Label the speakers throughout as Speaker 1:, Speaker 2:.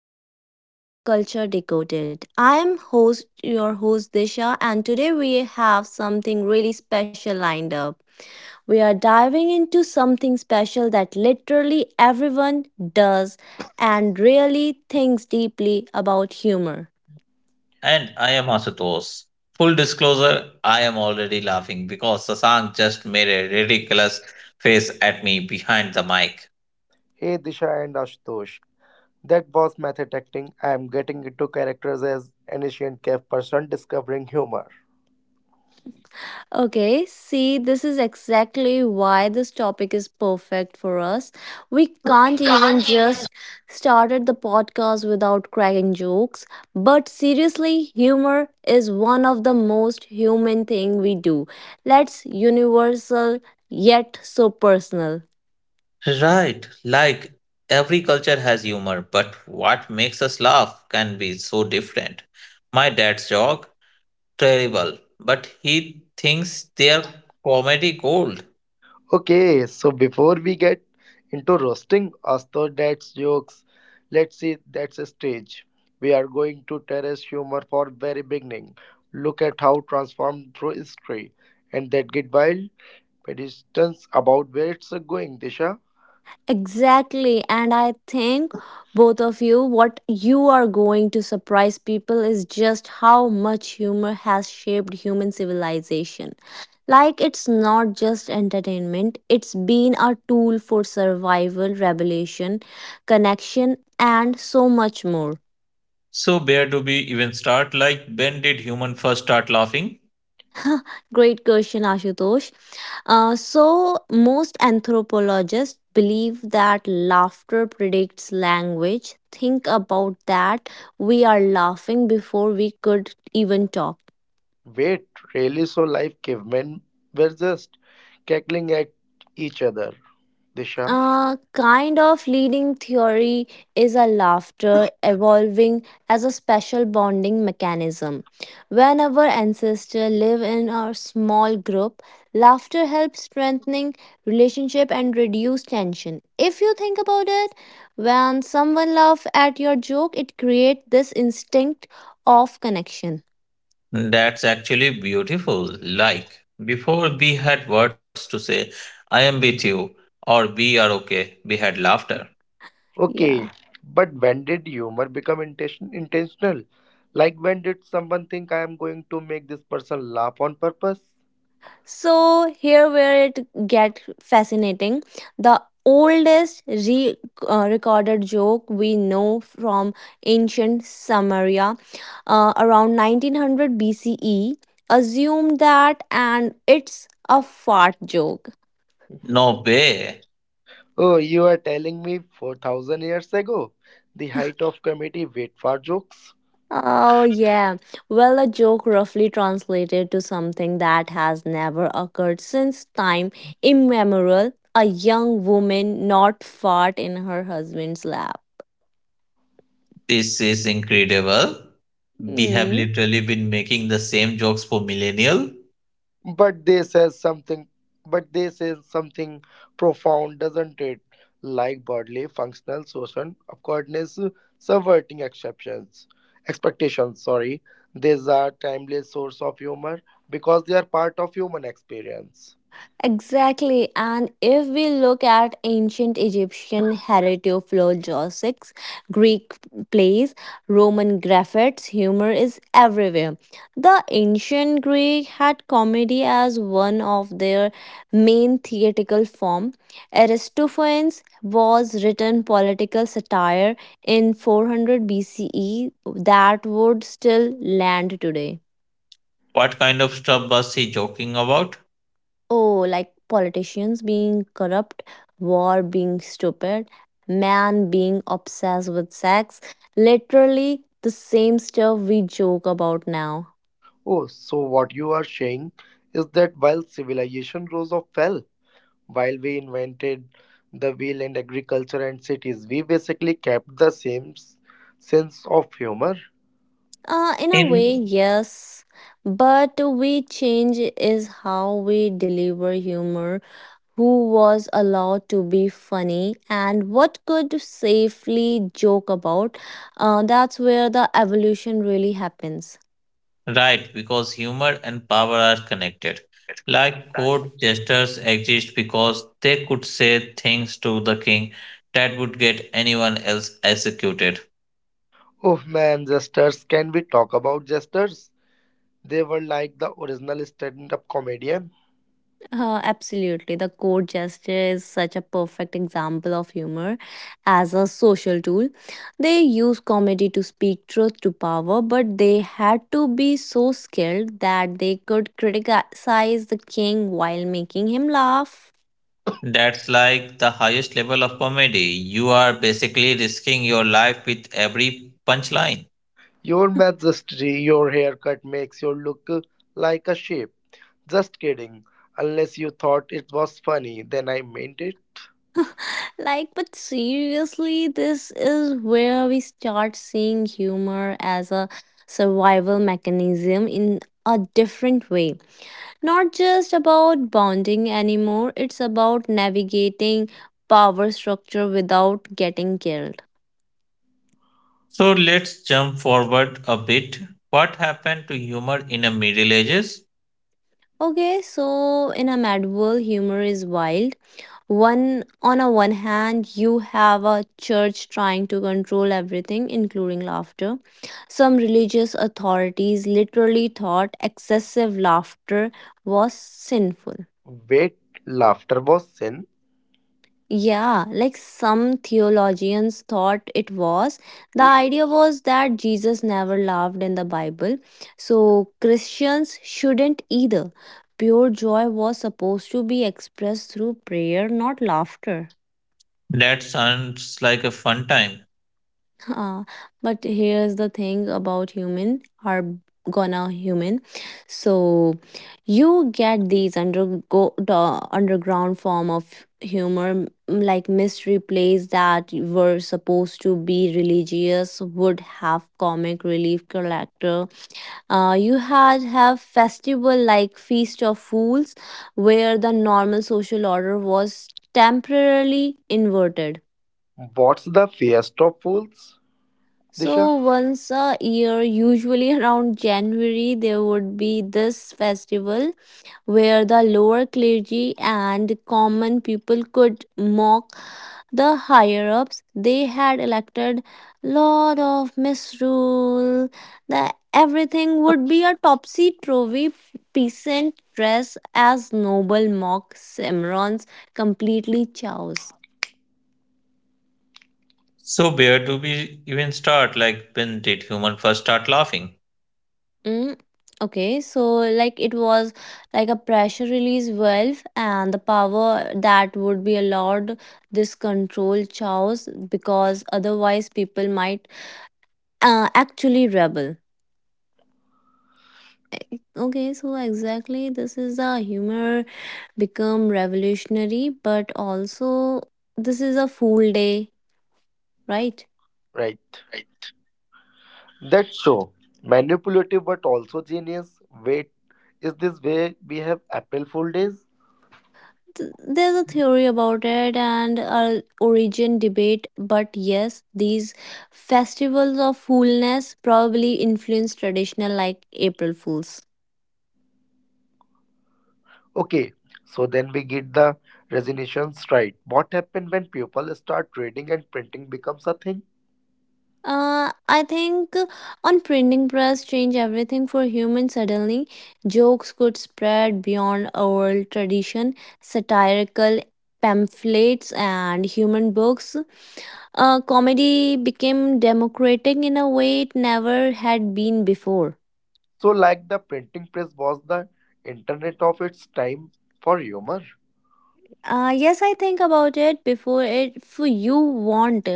Speaker 1: another episode of Culture Decoded. I am host your host Disha, and today we have something really special lined up. We are diving into something special that literally everyone does and really thinks deeply about humor.
Speaker 2: And I am Ashutosh. Full disclosure, I am already laughing because Sasank just made a ridiculous face at me behind the mic.
Speaker 3: Hey Disha and Ashutosh, that was method acting. I am getting into characters as an Asian cave person discovering humor.
Speaker 1: Okay, see, this is exactly why this topic is perfect for us. We can't even just started the podcast without cracking jokes, but seriously, humor is one of the most human thing we do. Let's universal yet so personal.
Speaker 2: Right, like every culture has humor, but what makes us laugh can be so different. My dad's joke, terrible, but he thinks they're comedy gold.
Speaker 3: Okay, so before we get into roasting Ashutosh Dad's jokes, let's see that's a stage. We are going to terrace humor for very beginning. Look at how transformed through history. And that get wild Pedestrians about where it's going, Disha.
Speaker 1: Exactly. And I think both of you, what you are going to surprise people is just how much humor has shaped human civilization. Like, it's not just entertainment, it's been a tool for survival, revelation, connection, and so much more.
Speaker 2: So, bear to be even start like when did human first start laughing?
Speaker 1: Great question, Ashutosh. Most anthropologists believe that laughter predicts language. Think about that. We are laughing before we could even talk.
Speaker 3: Wait, really? So life cavemen were just cackling at each other. Disha.
Speaker 1: Kind of leading theory is a laughter evolving as a special bonding mechanism. When our ancestors live in a small group, laughter helps strengthening relationship and reduce tension. If you think about it, when someone laughs at your joke, it creates this instinct of connection.
Speaker 2: That's actually beautiful. Like, before we had words to say, I am with you, or we are okay, we had laughter.
Speaker 1: Yeah.
Speaker 3: Okay, but when did humor become intentional? Like when did someone think I am going to make this person laugh on purpose?
Speaker 1: So here where it get fascinating, the oldest recorded joke we know from ancient Samaria around 1900 BCE assumed that, and it's a fart joke.
Speaker 2: No way.
Speaker 3: Oh, you are telling me 4,000 years ago, the height of comedy wait for jokes?
Speaker 1: Oh, yeah. Well, a joke roughly translated to something that has never occurred since time immemorial, a young woman not fart in her husband's lap.
Speaker 2: This is incredible. We have
Speaker 1: Hmm.
Speaker 2: literally been making the same jokes for millennial.
Speaker 3: but they says something but they say something profound, doesn't it? Like broadly functional social awkwardness, subverting exceptions expectations, sorry, these are timeless source of humor because they are part of human experience.
Speaker 1: Exactly. And if we look at ancient Egyptian heretophlogistics, Greek plays, Roman graphics, humor is everywhere. The ancient Greek had comedy as one of their main theatrical form. Aristophanes was written political satire in 400 BCE that would still land today.
Speaker 2: What kind of stuff was he joking about?
Speaker 1: Oh, like politicians being corrupt, war being stupid, man being obsessed with sex. Literally the same stuff we joke about now.
Speaker 3: Oh, so what you are saying is that while civilization rose or fell, while we invented the wheel and agriculture and cities, we basically kept the same sense of humor.
Speaker 1: In a way,
Speaker 2: In
Speaker 1: yes. But we change is how we deliver humor, who was allowed to be funny, and what could safely joke about. That's where the evolution really happens.
Speaker 2: right, because humor and power are connected. Like court jesters exist because they could say things to the king that would get anyone else executed.
Speaker 3: Oh man, jesters, can we talk about jesters? They were like the original stand up comedian.
Speaker 1: Absolutely. The court gesture is such a perfect example of humor as a social tool. They use comedy to speak truth to power, but they had to be so skilled that they could criticize the king while making him laugh.
Speaker 2: That's like the highest level of comedy. You are basically risking your life with every punchline.
Speaker 3: Your majesty, your haircut makes you look like a sheep. Just kidding. Unless you thought it was funny, then I meant it.
Speaker 1: Like, but seriously, this is where we start seeing humor as a survival mechanism in a different way, not just about bonding anymore, it's about navigating power structure without getting killed.
Speaker 2: So let's jump forward a bit. What happened to humor in the Middle Ages?
Speaker 1: Okay, so in a mad world, humor is wild. One on a one hand, you have a church trying to control everything, including laughter. Some religious authorities literally thought excessive laughter was sinful.
Speaker 3: Wait, laughter was sin?
Speaker 1: Yeah, like some theologians thought it was. The idea was that Jesus never laughed in the Bible, so Christians shouldn't either. Pure joy was supposed to be expressed through prayer, not laughter.
Speaker 2: That sounds like a fun time.
Speaker 1: Uh, but here's the thing about human are gonna human, so you get these undergo the underground form of humor, like mystery plays that were supposed to be religious would have comic relief character. You had have festival like feast of fools where the normal social order was temporarily inverted.
Speaker 3: What's the Feast of Fools? Disha?
Speaker 1: So once a year, usually around January, there would be this festival where the lower clergy and common people could mock the higher ups. They had elected lot of misrule. The everything would be a topsy turvy, peasant dress as noble mock simrons completely chows.
Speaker 2: So where do we even start? Like when did humans first start laughing?
Speaker 1: Mm, okay, so like it was like a pressure release valve, and the power that would be allowed this control chows because otherwise people might actually rebel. Okay, so exactly this is a humor become revolutionary, but also this is a fool day, right?
Speaker 3: Right. That show. Manipulative but also genius. Wait, is this way we have April Fool Days?
Speaker 1: There's a theory about it and a origin debate, but yes, these festivals of foolness probably influence traditional like april fools.
Speaker 3: Okay, so then we get the resolutions, right? What happened when people start reading and printing becomes a thing?
Speaker 1: I think on printing press change everything for humans suddenly. Jokes could spread beyond oral tradition, satirical pamphlets and human books. Comedy became democratic in a way it never had been before.
Speaker 3: So, like the printing press was the internet of its time for humor,
Speaker 1: Yes, I think about it before it. If you want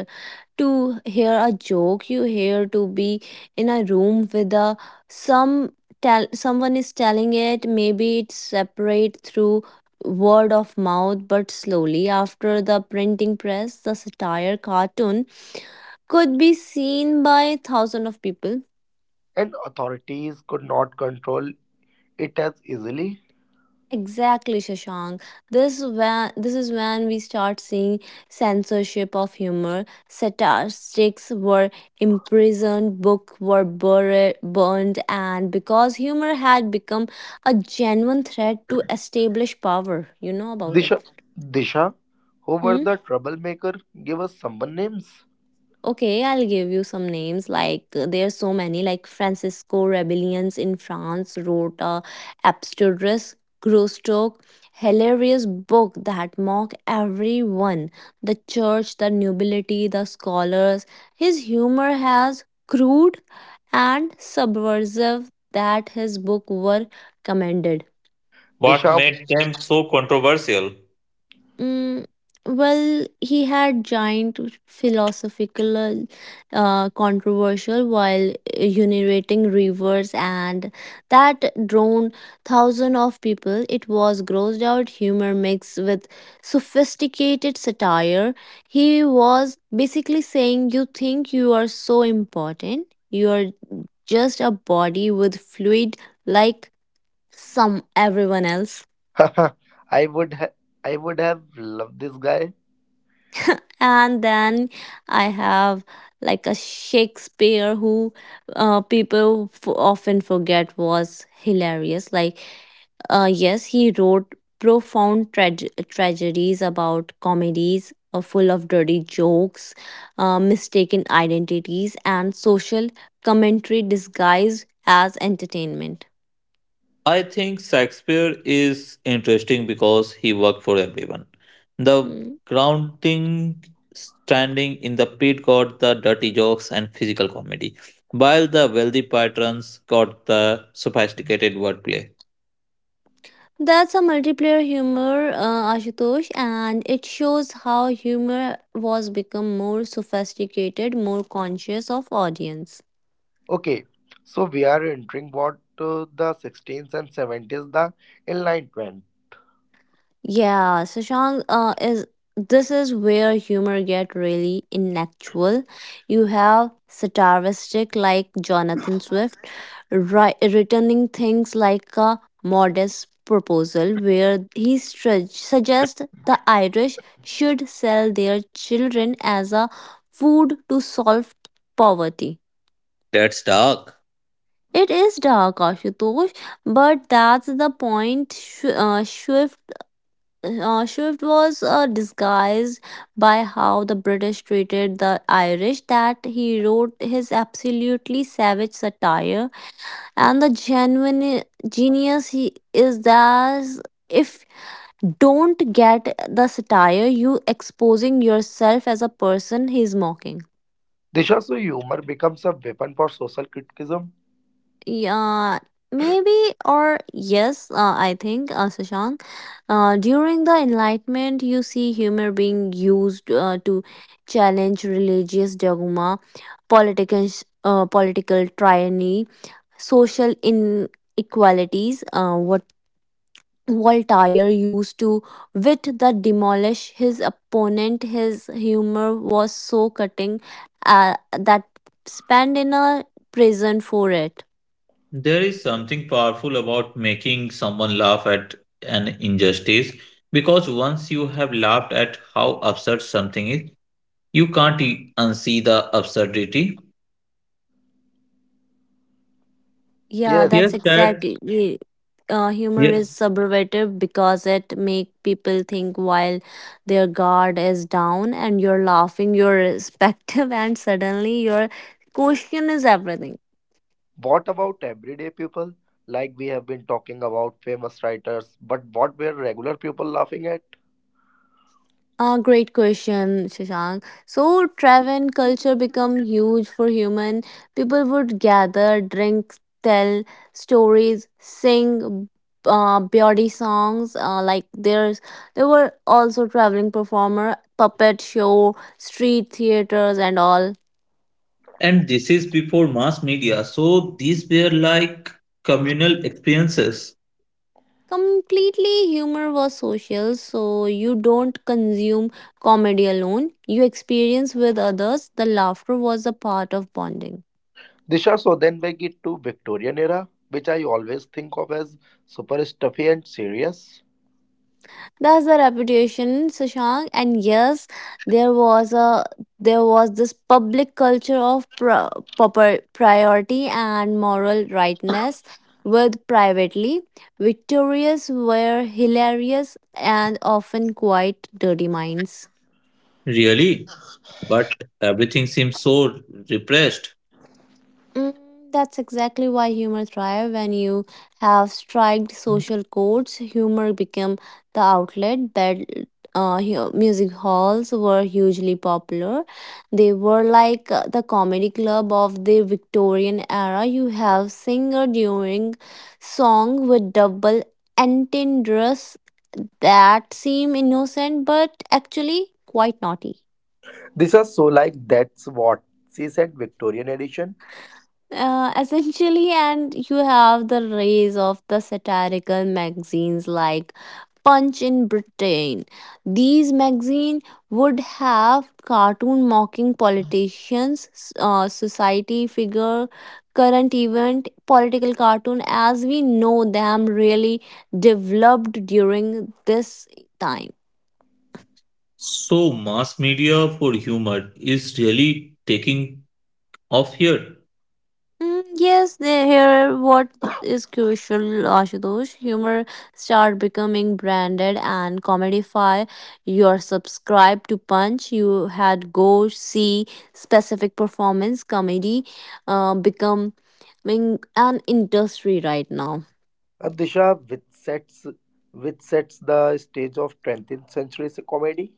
Speaker 1: to hear a joke, you hear to be in a room with a some tell someone is telling it. Maybe it's separate through word of mouth, but slowly after the printing press, the satire cartoon could be seen by thousands of people.
Speaker 3: and authorities could not control it as easily.
Speaker 1: Exactly, Shashank. This is when we start seeing censorship of humor. Statistics were imprisoned, books were buried, burned, and because humor had become a genuine threat to establish power, you know about
Speaker 3: Disha,
Speaker 1: it.
Speaker 3: Disha, who were
Speaker 1: Hmm?
Speaker 3: the troublemaker, give us someone names.
Speaker 1: Okay, I'll give you some names. There are so many. Like Francisco Rebellions in France wrote a abstruse, grosstock, hilarious book that mock everyone: the church, the nobility, the scholars. His humor has crude and subversive that his book were commended.
Speaker 2: What
Speaker 3: Disha,
Speaker 2: made them so controversial?
Speaker 1: Mm, well, he had giant philosophical, controversial while urinating rivers, and that drawn thousands of people. It was grossed out humor mixed with sophisticated satire. He was basically saying, "You think you are so important? You are just a body with fluid like some everyone else."
Speaker 3: I would ha- I would have loved this guy.
Speaker 1: And then I have like a shakespeare who people often forget was hilarious. Yes, he wrote profound tragedies about comedies, full of dirty jokes, mistaken identities and social commentary disguised as entertainment.
Speaker 2: I think Shakespeare is interesting because he worked for everyone. The
Speaker 1: Hmm.
Speaker 2: grounding standing in the pit got the dirty jokes and physical comedy, while the wealthy patrons got the sophisticated wordplay.
Speaker 1: That's a multiplayer humor, Ashutosh, and it shows how humor was become more sophisticated, more conscious of audience.
Speaker 3: Okay, so we are entering what the 16th and 70s, the Enlightenment.
Speaker 1: Yeah, Shashank, is this is where humor get really intellectual. You have satiristic like Jonathan Swift returning things like a modest proposal where he suggests the Irish should sell their children as a food to solve poverty.
Speaker 2: That's dark.
Speaker 1: It is dark, Ashutosh, but that's the point. Swift was disguised by how the British treated the Irish, that he wrote his absolutely savage satire. And the genuine genius he is that if don't get the satire, you exposing yourself as a person he's mocking.
Speaker 3: This also humor becomes a weapon for social criticism.
Speaker 1: Yeah, maybe or yes, I think, Shashank. During the Enlightenment, you see humor being used to challenge religious dogma, political, political tyranny, social inequalities. What Voltaire used to wit that demolish his opponent. His humor was so cutting that spanned in a prison for it.
Speaker 2: There is something powerful about making someone laugh at an injustice because once you have laughed at how absurd something is, you can't unsee the absurdity.
Speaker 1: Yeah,
Speaker 3: Yes.
Speaker 2: Yes,
Speaker 1: that's
Speaker 2: that
Speaker 1: exactly. Yeah. Humor
Speaker 2: yes.
Speaker 1: is subversive because it make people think while their guard is down and you're laughing, you're respective, and suddenly your question is everything.
Speaker 3: What about everyday people? Like we have been talking about famous writers, but what were regular people laughing at?
Speaker 1: Ah, great question, Shashank. So travel and culture become huge for human. People would gather, drink, tell stories, sing beauty songs. Like, there were also traveling performer, puppet show, street theaters, and all.
Speaker 2: And this is before mass media, so these were like communal experiences,
Speaker 1: Completely humor was social, so you don't consume comedy alone. You experience with others. The laughter was a part of bonding.
Speaker 3: Disha, so then we get to Victorian era, which I always think of as super stuffy and serious.
Speaker 1: That's the reputation, Sushant. And yes, there was a there was this public culture of proper priority and moral rightness. With privately, victorious were hilarious and often quite dirty minds.
Speaker 2: really. But everything seems so repressed.
Speaker 1: Mm, that's exactly why humor thrive when you have striked social codes. Humor became the outlet. Bad, music halls were hugely popular. They were like the comedy club of the Victorian era. You have singer during song with double entendres that seem innocent but actually quite naughty.
Speaker 3: Disha, so like that's what she said Victorian edition.
Speaker 1: Essentially, and you have the rise of the satirical magazines like Punch in Britain. These magazines would have cartoon mocking politicians, society figure, current event, political cartoon as we know them really developed during this time.
Speaker 2: So, mass media for humor is really taking off here.
Speaker 1: Mm, yes, they hear what is crucial, Ashutosh. Humor start becoming branded and commodify. You're subscribed to Punch. You had go see specific performance comedy becoming an industry right now.
Speaker 3: Disha, which sets the stage of 20th century comedy.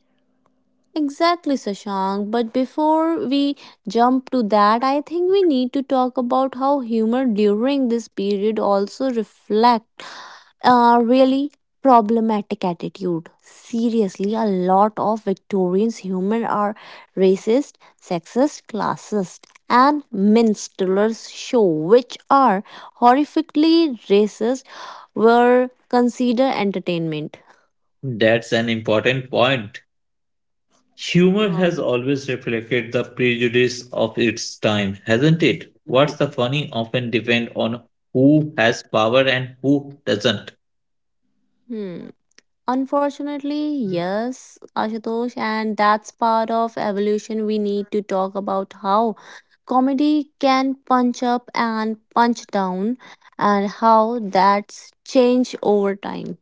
Speaker 1: Exactly, Sashank. But before we jump to that, I think we need to talk about how humor during this period also reflect a really problematic attitude. Seriously, a lot of Victorians' humor are racist, sexist, classist, and minstrels show, which are horrifically racist, were considered entertainment.
Speaker 2: That's an important point. Humor
Speaker 1: Uh,
Speaker 2: has always reflected the prejudice of its time, hasn't it? What's the funny often depend on who has power and who doesn't.
Speaker 1: hmm. Unfortunately, yes, Ashutosh, and that's part of evolution. We need to talk about how comedy can punch up and punch down and how that's changed over time.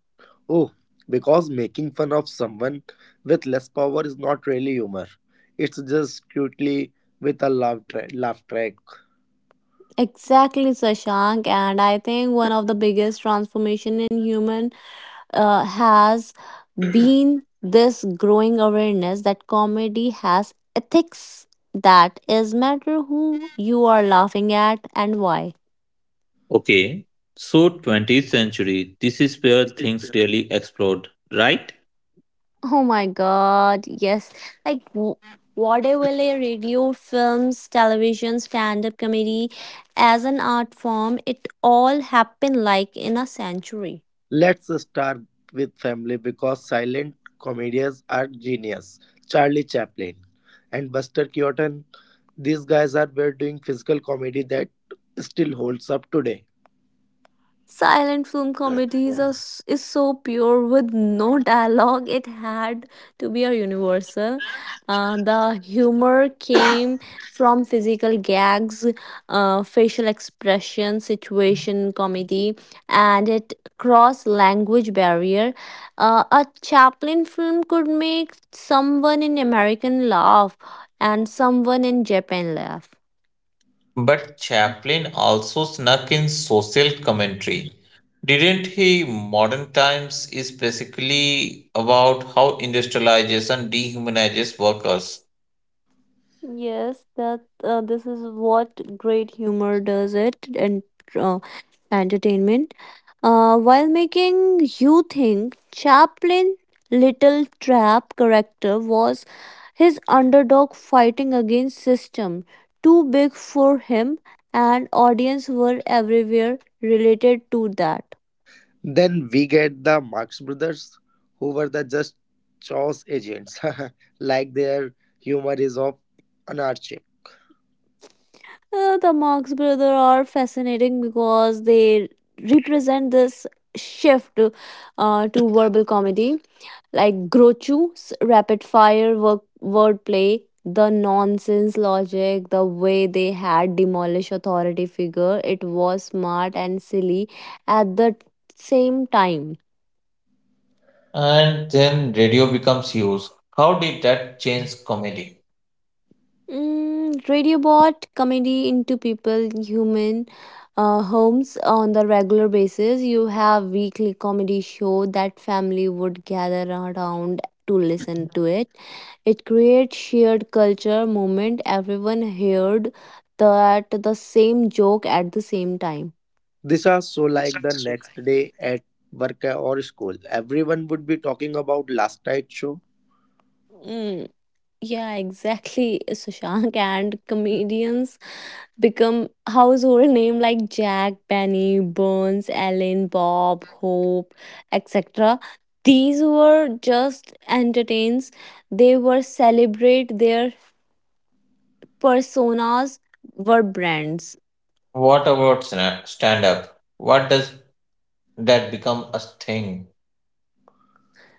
Speaker 3: Oh, because making fun of someone with less power is not really humor. It's just cutely with a laugh, laugh track.
Speaker 1: Exactly, Sashank, and I think one of the biggest transformation in human has been this growing awareness that comedy has ethics, that is matter who you are laughing at and why.
Speaker 2: Okay, so 20th century, this is where things really explode, right?
Speaker 1: Oh my God, yes. Like w- Vaudeville, radio, films, television, stand up comedy, as an art form, it all happened like in a century.
Speaker 3: Let's start with family because silent comedians are genius. Charlie Chaplin and Buster Keaton. These guys are were doing physical comedy that still holds up today.
Speaker 1: Silent film comedies is so pure with no dialogue. It had to be a universal. The humor came from physical gags, facial expression, situation comedy, and it crossed language barrier. A Chaplin film could make someone in American laugh and someone in Japan laugh.
Speaker 2: But Chaplin also snuck in social commentary. Didn't he? Modern Times is basically about how industrialization dehumanizes workers.
Speaker 1: Yes, that this is what great humor does it and uh, entertainment. While making you think Chaplin Little Trap character was his underdog fighting against system too big for him and audience were everywhere related to that.
Speaker 3: Then we get the Marx brothers, who were the just chaos agents, like their humor is of anarchy.
Speaker 1: The Marx brothers are fascinating because they represent this shift to verbal comedy like Groucho's rapid fire work, wordplay, the nonsense logic, the way they had demolished authority figure. It was smart and silly at the same time.
Speaker 2: And then radio becomes huge. How did that change comedy?
Speaker 1: Mm, radio bought comedy into people human homes on the regular basis. You have weekly comedy show that family would gather around to listen to it. It creates shared culture moment everyone heard that the same joke at the same time.
Speaker 3: This are so like the next day at work or school. Everyone would be talking about last night's show.
Speaker 1: Mm, yeah, exactly, Sushank. And comedians become household name like Jack, Benny, Burns, Ellen, Bob, Hope, etc. These were just entertains. They were celebrate their personas were brands.
Speaker 2: What about stand up? What does that become a thing?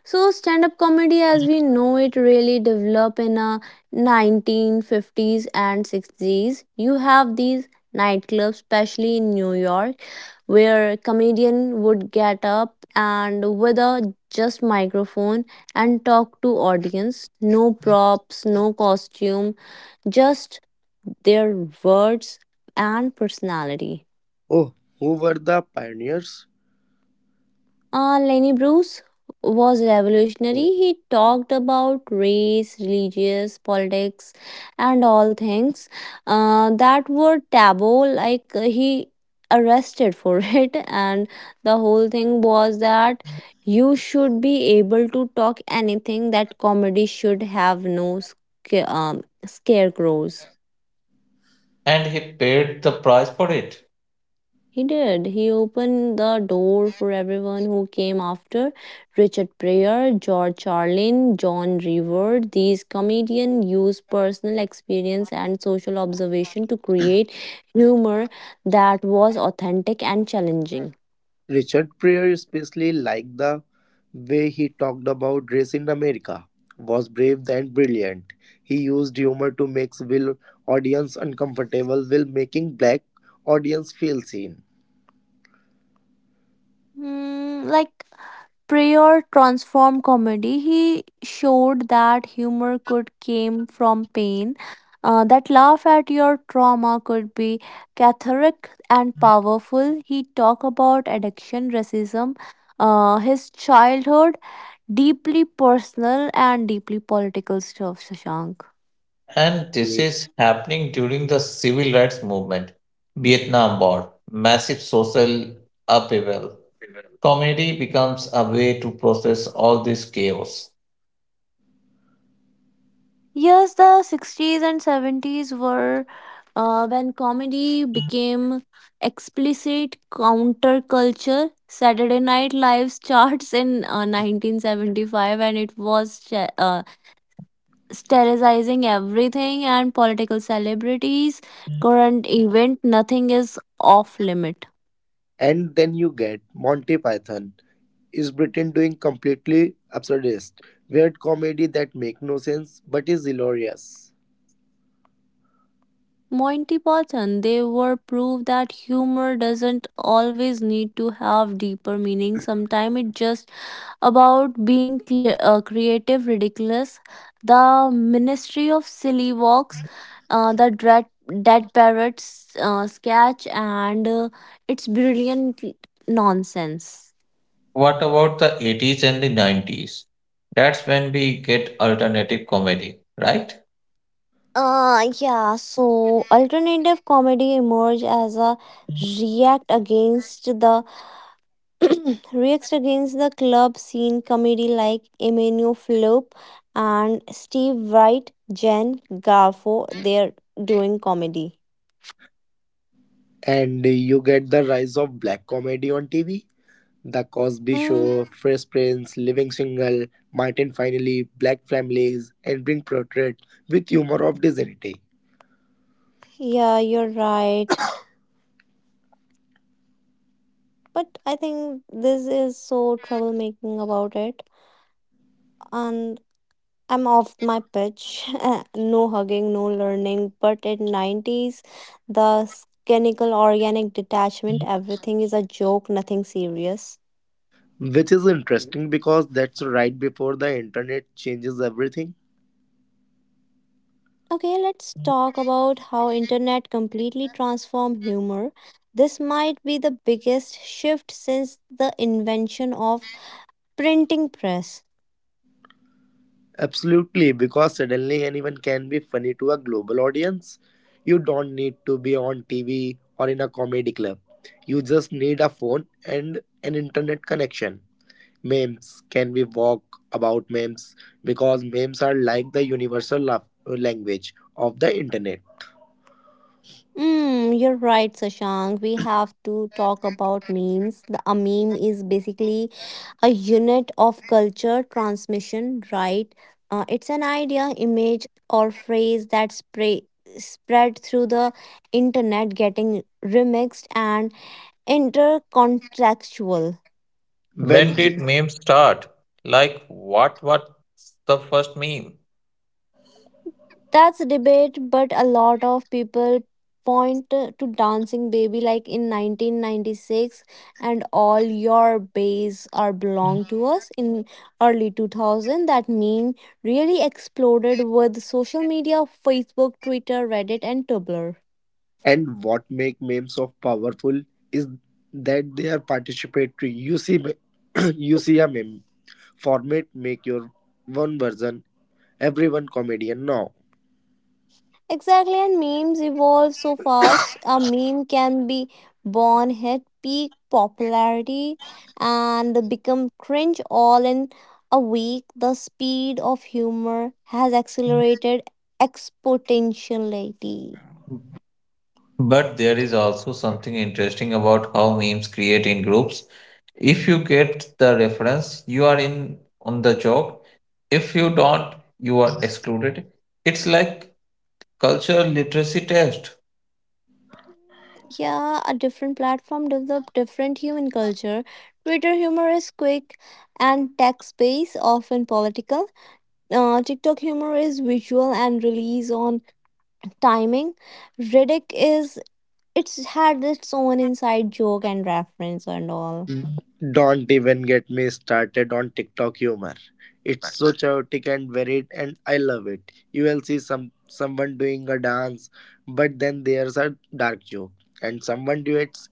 Speaker 1: So stand-up comedy as we know it really developed in the 1950s and 60s. You have these nightclubs, especially in New York, where a comedian would get up and with a just microphone and talk to audience. No props, no costume, just their words and personality.
Speaker 3: Oh, who were the pioneers?
Speaker 1: Lenny Bruce was revolutionary. He talked about race, religious, politics, and all things that were taboo. Like he arrested for it, and the whole thing was that you should be able to talk anything. That comedy should have no scarecrows.
Speaker 2: And he paid the price for it.
Speaker 1: He did. He opened the door for everyone who came after. Richard Pryor, George Carlin, John Revere, these comedians used personal experience and social observation to create humor that was authentic and challenging.
Speaker 3: Richard Pryor, especially like the way he talked about race in America, was brave and brilliant. He used humor to make Will audience uncomfortable while making black audience feel seen.
Speaker 1: Hmm, like Prior transformed comedy. He showed that humor could came from pain, that laugh at your trauma could be cathartic and powerful. He talked about addiction, racism, his childhood, deeply personal and deeply political stuff. Shashank.
Speaker 2: And this
Speaker 3: Yeah.
Speaker 2: is happening during the civil rights movement, Vietnam War, massive social upheaval. Comedy becomes a way to process all this chaos.
Speaker 1: Yes, the 60s and 70s were when comedy became explicit counterculture. Saturday Night Live's charts in 1975, and it was sterilizing everything and political celebrities. Current event, nothing is off limit.
Speaker 3: And then you get Monty Python is Britain doing completely absurdist, weird comedy that make no sense but is hilarious.
Speaker 1: Monty Python, they were proof that humor doesn't always need to have deeper meaning. Sometimes it just about being cle creative ridiculous the ministry of silly walks the dread dead parrots sketch and its brilliant nonsense.
Speaker 2: What about the 80s and the 90s? That's when we get alternative comedy, right?
Speaker 1: Uh yeah so alternative comedy emerged as a react against the reacts against the club scene comedy like Emilio Flip and Steve Wright, Jen Garfo, they're doing comedy.
Speaker 3: And you get the rise of black comedy on TV. The Cosby
Speaker 1: Mm,
Speaker 3: Show, Fresh Prince, Living Single, Martin Finally, Black Families, and Being Portrait with humor of dignity.
Speaker 1: yeah, you're right. But I think this is so troublemaking about it. And I'm off my pitch. No hugging, no learning. But in 90s, the cynical, organic detachment, everything is a joke, nothing serious.
Speaker 3: Which is interesting because that's right before the internet changes everything.
Speaker 1: Okay, let's talk about how internet completely transformed humor. This might be the biggest shift since the invention of printing press.
Speaker 3: Absolutely, because suddenly anyone can be funny to a global audience. You don't need to be on TV or in a comedy club. You just need a phone and an internet connection. Memes, can we walk about memes, because memes are like the universal language of the internet
Speaker 1: Mm, you're right, Sashank. We have to talk about memes. A meme is basically a unit of culture transmission, right? It's an idea, image, or phrase that spread through the internet, getting remixed and intercontextual.
Speaker 2: When
Speaker 3: when?
Speaker 2: did memes start? Like, what was the first meme?
Speaker 1: That's a debate, but a lot of people point to Dancing Baby like in 1996 and all your bays are belong to us in early 2000 that meme really exploded with social media Facebook Twitter Reddit and Tumblr.
Speaker 3: And what make memes of powerful is that they are participatory. You see you see a meme format, make your one version, everyone comedian now.
Speaker 1: Exactly, and memes evolve so fast. A meme can be born, hit peak popularity, and become cringe all in a week. The speed of humor has accelerated exponentially.
Speaker 2: But there is also something interesting about how memes create in groups. If you get the reference, you are in on the joke. If you don't, you are excluded. It's like cultural literacy test.
Speaker 1: Yeah, a different platform developed different human culture. Twitter humor is quick and text based, often political. TikTok humor is visual and relies on timing. Riddick is it's had its own inside joke and reference and all.
Speaker 3: Don't even get me started on TikTok humor. It's so chaotic and varied, and I love it. You will see someone doing a dance, but then there's a dark joke, and someone duets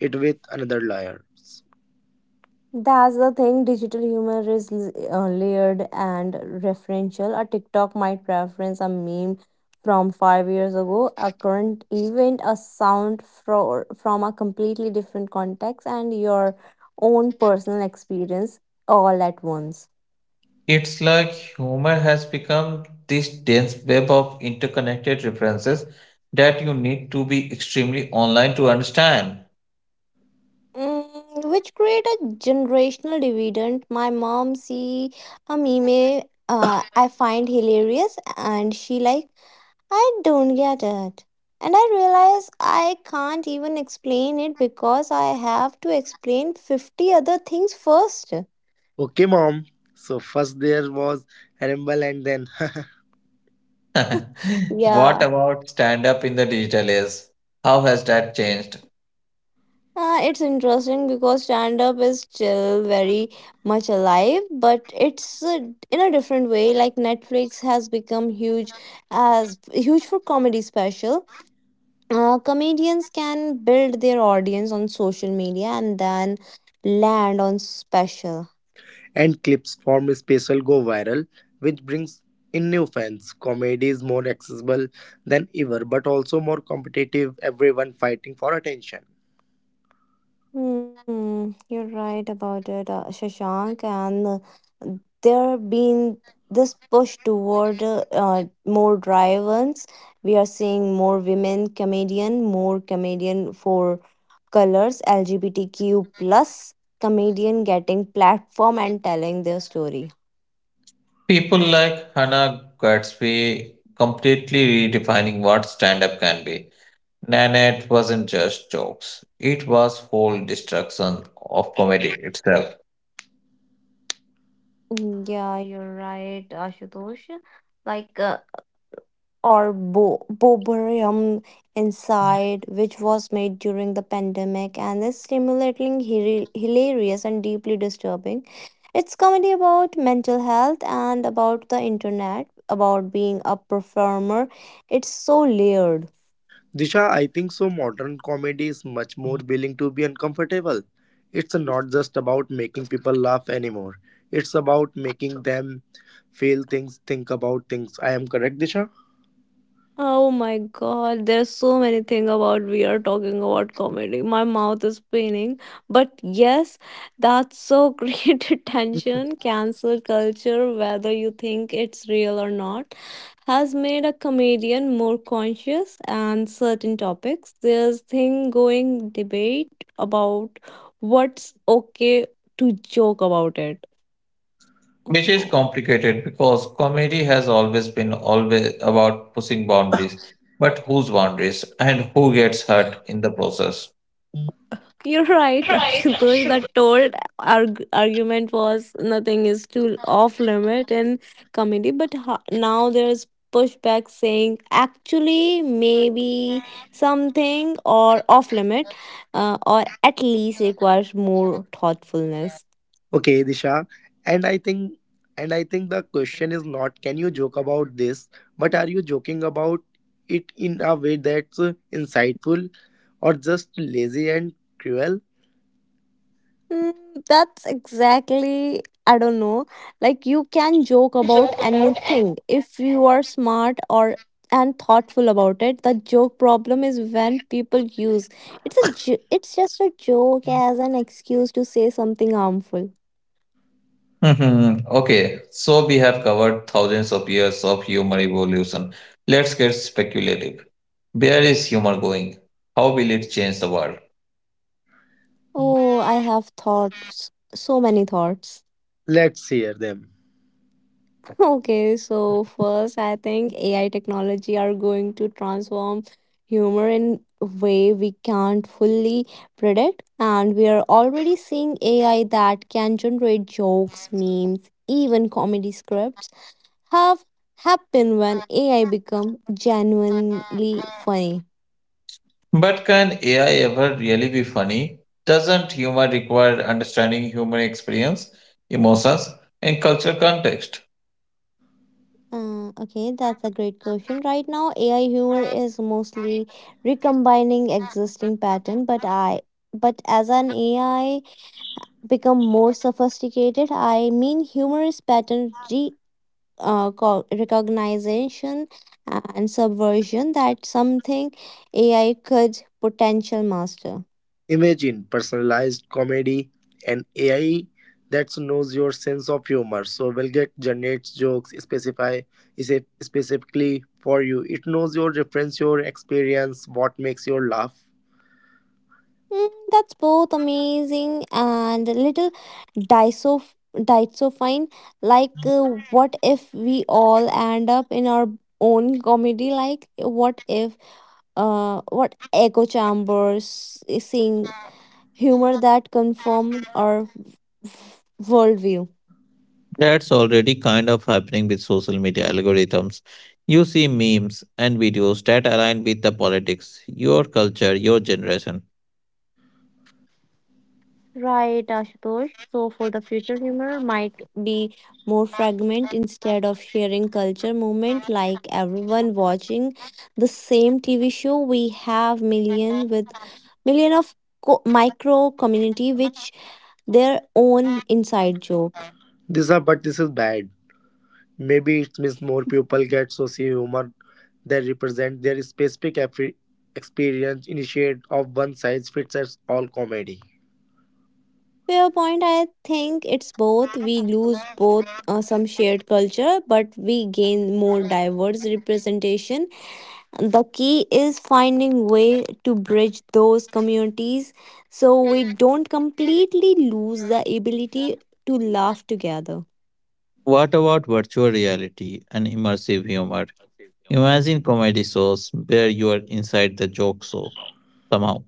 Speaker 3: it with another lawyer.
Speaker 1: That's the thing. Digital humor is layered and referential. A TikTok might reference a meme from five years ago, a current event, a sound from a completely different context, and your own personal experience all at once.
Speaker 2: It's like humor has become this dense web of interconnected references that you need to be extremely online to understand.
Speaker 1: Mm, which create a generational dividend. My mom see a meme I find hilarious and she like I don't get it. And I realize I can't even explain it because I have to explain 50 other things first.
Speaker 3: Okay, mom. So first there was Rumble, and then
Speaker 2: What
Speaker 1: Yeah.
Speaker 2: about stand up in the digital age? How has that changed?
Speaker 1: It's interesting because stand up is still very much alive, but it's in a different way. Like Netflix has become huge as huge for comedy special. Comedians can build their audience on social media and then land on special.
Speaker 3: and clips from special go viral, which brings in new fans. Comedy is more accessible than ever, but also more competitive. Everyone fighting for attention.
Speaker 1: Hmm, you're right about it, Shashank. And there been this push toward more drive-ins. We are seeing more women comedian, more comedian for colors, LGBTQ plus comedian getting platform and telling their story.
Speaker 2: People like Hannah Gatsby completely redefining what stand up can be. Nanette wasn't just jokes, it was whole destruction of comedy itself,
Speaker 1: Mm, yeah, you're right, Ashutosh. Like, or boborium inside, which was made during the pandemic and is stimulating, hilarious, and deeply disturbing. It's comedy about mental health and about the internet, about being a performer. It's so layered.
Speaker 3: Disha, I think so. Modern comedy is much more willing to be uncomfortable. It's not just about making people laugh anymore. It's about making them feel things, think about things. I am correct, Disha?
Speaker 1: Oh my god, there's so many things about we are talking about comedy. My mouth is paining. But yes, that's so great attention. Cancel culture, whether you think it's real or not, has made a comedian more conscious and certain topics. There's thing going debate about what's okay to joke about it. Oh
Speaker 2: which is
Speaker 1: no.
Speaker 2: complicated because comedy has always been always about pushing boundaries, but whose boundaries and who gets hurt in the process.
Speaker 1: You're right,
Speaker 2: Right,
Speaker 1: Ashutosh. The
Speaker 2: should
Speaker 1: told argument was nothing is too off limit in comedy, but now there's pushback saying actually maybe something or off limit, or at least requires more thoughtfulness.
Speaker 3: Okay, Disha. And I think and I think the question is not can you joke about this, but are you joking about it in a way that's insightful or just lazy and cruel?
Speaker 1: Mm, that's exactly I don't know, like you can joke about
Speaker 2: joke about and
Speaker 1: anything if you are smart or and thoughtful about it. The joke problem is when people use it's just a joke as an excuse to say something harmful.
Speaker 2: mhm. Okay, so we have covered thousands of years of human evolution. Let's get speculative. Where is humor going? How will it change the world?
Speaker 1: Oh, I have thoughts, so many thoughts.
Speaker 3: Let's hear them.
Speaker 1: Okay, so first, I think AI technology are going to transform humor in a way we can't fully predict, and we are already seeing AI that can generate jokes, memes, even comedy scripts have happened when AI become genuinely funny.
Speaker 2: But can AI ever really be funny? Doesn't humor require understanding human experience, emotions, and cultural context?
Speaker 1: Okay, that's a great question. Right now, AI humor is mostly recombining existing pattern, but I but as an AI become more sophisticated. I mean, humorous pattern recognition and subversion that something AI could potential master.
Speaker 3: Imagine personalized comedy and AI that knows your sense of humor. So Velget generates jokes specify is it specifically for you. It knows your reference, your experience, what makes your laugh.
Speaker 1: Mm, that's both amazing and a little disofine. Like, what if we all end up in our own comedy? Like, what if what echo chambers eh, sing humor that confirm our worldview.
Speaker 2: That's already kind of happening with social media algorithms. You see memes and videos that align with the politics, your culture, your generation.
Speaker 1: Right, Ashutosh. So for the future, humor might be more fragment instead of sharing culture moment like everyone watching the same TV show. We have million with million of micro community which their own inside joke.
Speaker 3: This are but this is bad. Maybe it means more people get socio humor that represent their specific experience instead of one size fits all comedy.
Speaker 1: Fair point. I think it's both. We lose both some shared culture, but we gain more diverse representation. The key is finding way to bridge those communities so we don't completely lose the ability to laugh together.
Speaker 2: What about virtual reality and immersive humor? Imagine comedy shows where you are inside the joke show somehow.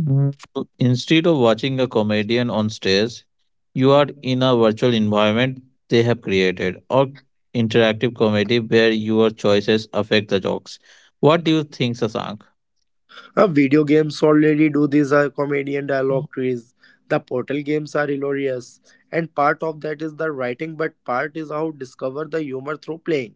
Speaker 2: Mm, so instead of watching a comedian on stage, you are in a virtual environment they have created, or interactive comedy where your choices affect the jokes. What do you think, Sasank?
Speaker 3: Video games already do these comedian dialogue trees. The portal games are hilarious, and part of that is the writing, but part is how discover the humor through playing.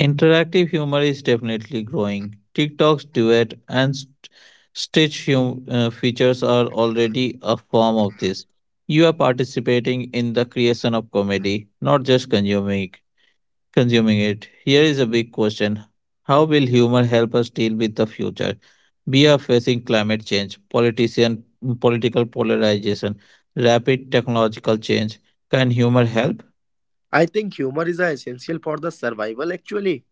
Speaker 2: Interactive humor is definitely growing. TikTok's duet and stitch features are already a form of this. You are participating in the creation of comedy, not just consuming it. Consuming it. Here is a big question. How will humor help us deal with the future? We are facing climate change, politician, political polarization, rapid technological change. Can humor help?
Speaker 3: I think humor is essential for the survival actually.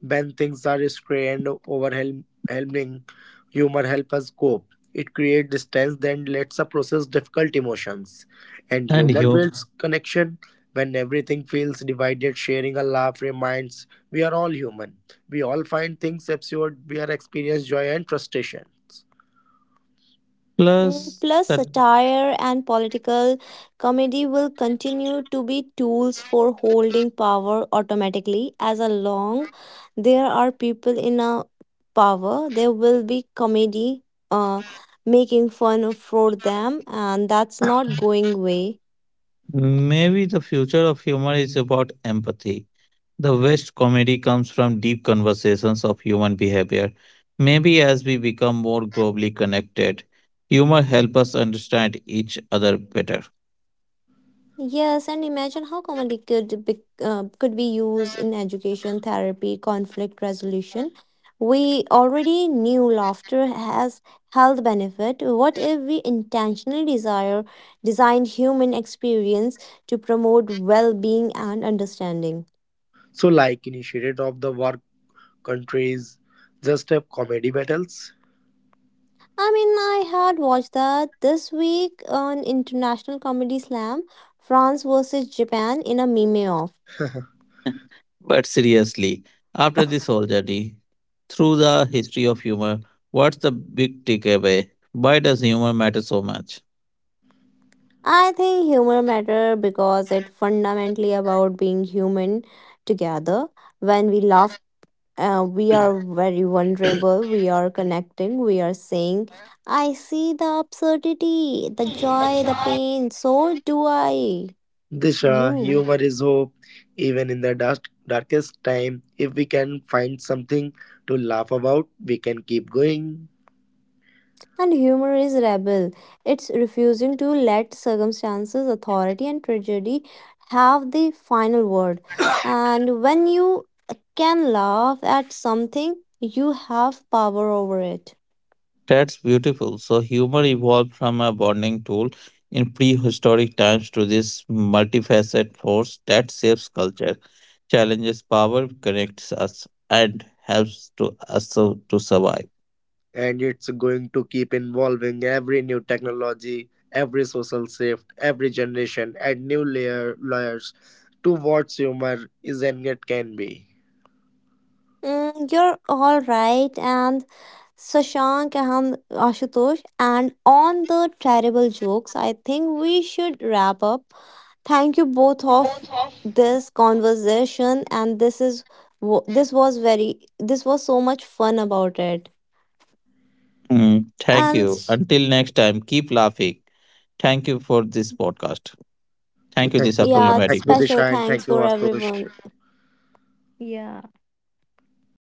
Speaker 3: When things are scary and overwhelming, humor helps us cope. It creates distance, then lets us process difficult emotions. And
Speaker 2: And
Speaker 3: humor
Speaker 2: you
Speaker 3: builds connection. When everything feels divided, sharing a laugh reminds we are all human. We all find things absurd. We are experience joy and frustrations.
Speaker 1: Mm,
Speaker 2: plus
Speaker 1: plus,
Speaker 2: that
Speaker 1: satire and political comedy will continue to be tools for holding power automatically as a long there are people in a power there will be comedy uh, making fun for them and that's not going away.
Speaker 2: maybe the future of humor is about empathy. The best comedy comes from deep conversations of human behavior. Maybe as we become more globally connected, humor help us understand each other better.
Speaker 1: Yes, and imagine how comedy could could be used in education, therapy, conflict resolution. We already knew laughter has health benefit. What if we intentionally desire designed human experience to promote well-being and understanding?
Speaker 3: So, like initiated of the work countries, just have comedy battles.
Speaker 1: I mean, I had watched that this week on International Comedy Slam, France versus Japan in a meme off.
Speaker 2: But seriously, after this whole journey through the history of humor, what's the big takeaway? Why does humor matter so much?
Speaker 1: I think humor matter because it fundamentally about being human together. When we laugh, we are very vulnerable. We are connecting. We are saying, "I see the absurdity, the joy, the pain. So do I.
Speaker 3: Disha,
Speaker 1: You."
Speaker 3: humor is hope. Even in the dark, darkest time, if we can find something to laugh about, we can keep going.
Speaker 1: And humor is rebel. It's refusing to let circumstances, authority, and tragedy have the final word. And when you can laugh at something, you have power over it.
Speaker 2: That's beautiful. So, humor evolved from a bonding tool in prehistoric times to this multifaceted force that shapes culture, challenges power, connects us, and helps to us to survive.
Speaker 3: And it's going to keep involving every new technology, every social shift, every generation, and new layers to what humor is and it can be.
Speaker 1: Mm, you're all right. And Sashank and Ashutosh, and on the terrible jokes, I think we should wrap up. Thank you both of this conversation and this is this was very this was so much fun about it.
Speaker 2: Mm, thank
Speaker 1: And
Speaker 2: you.
Speaker 1: s-
Speaker 2: Until next time, keep laughing. Thank you for this podcast.
Speaker 3: Okay,
Speaker 2: Thank you,
Speaker 3: thank you
Speaker 2: Disha,
Speaker 3: so
Speaker 2: for
Speaker 3: much.
Speaker 1: yeah,
Speaker 2: inviting
Speaker 3: Thank you,
Speaker 2: me.
Speaker 1: special
Speaker 3: Disha, and
Speaker 1: thanks
Speaker 3: thank you,
Speaker 1: for
Speaker 3: Astosh.
Speaker 1: everyone. Yeah.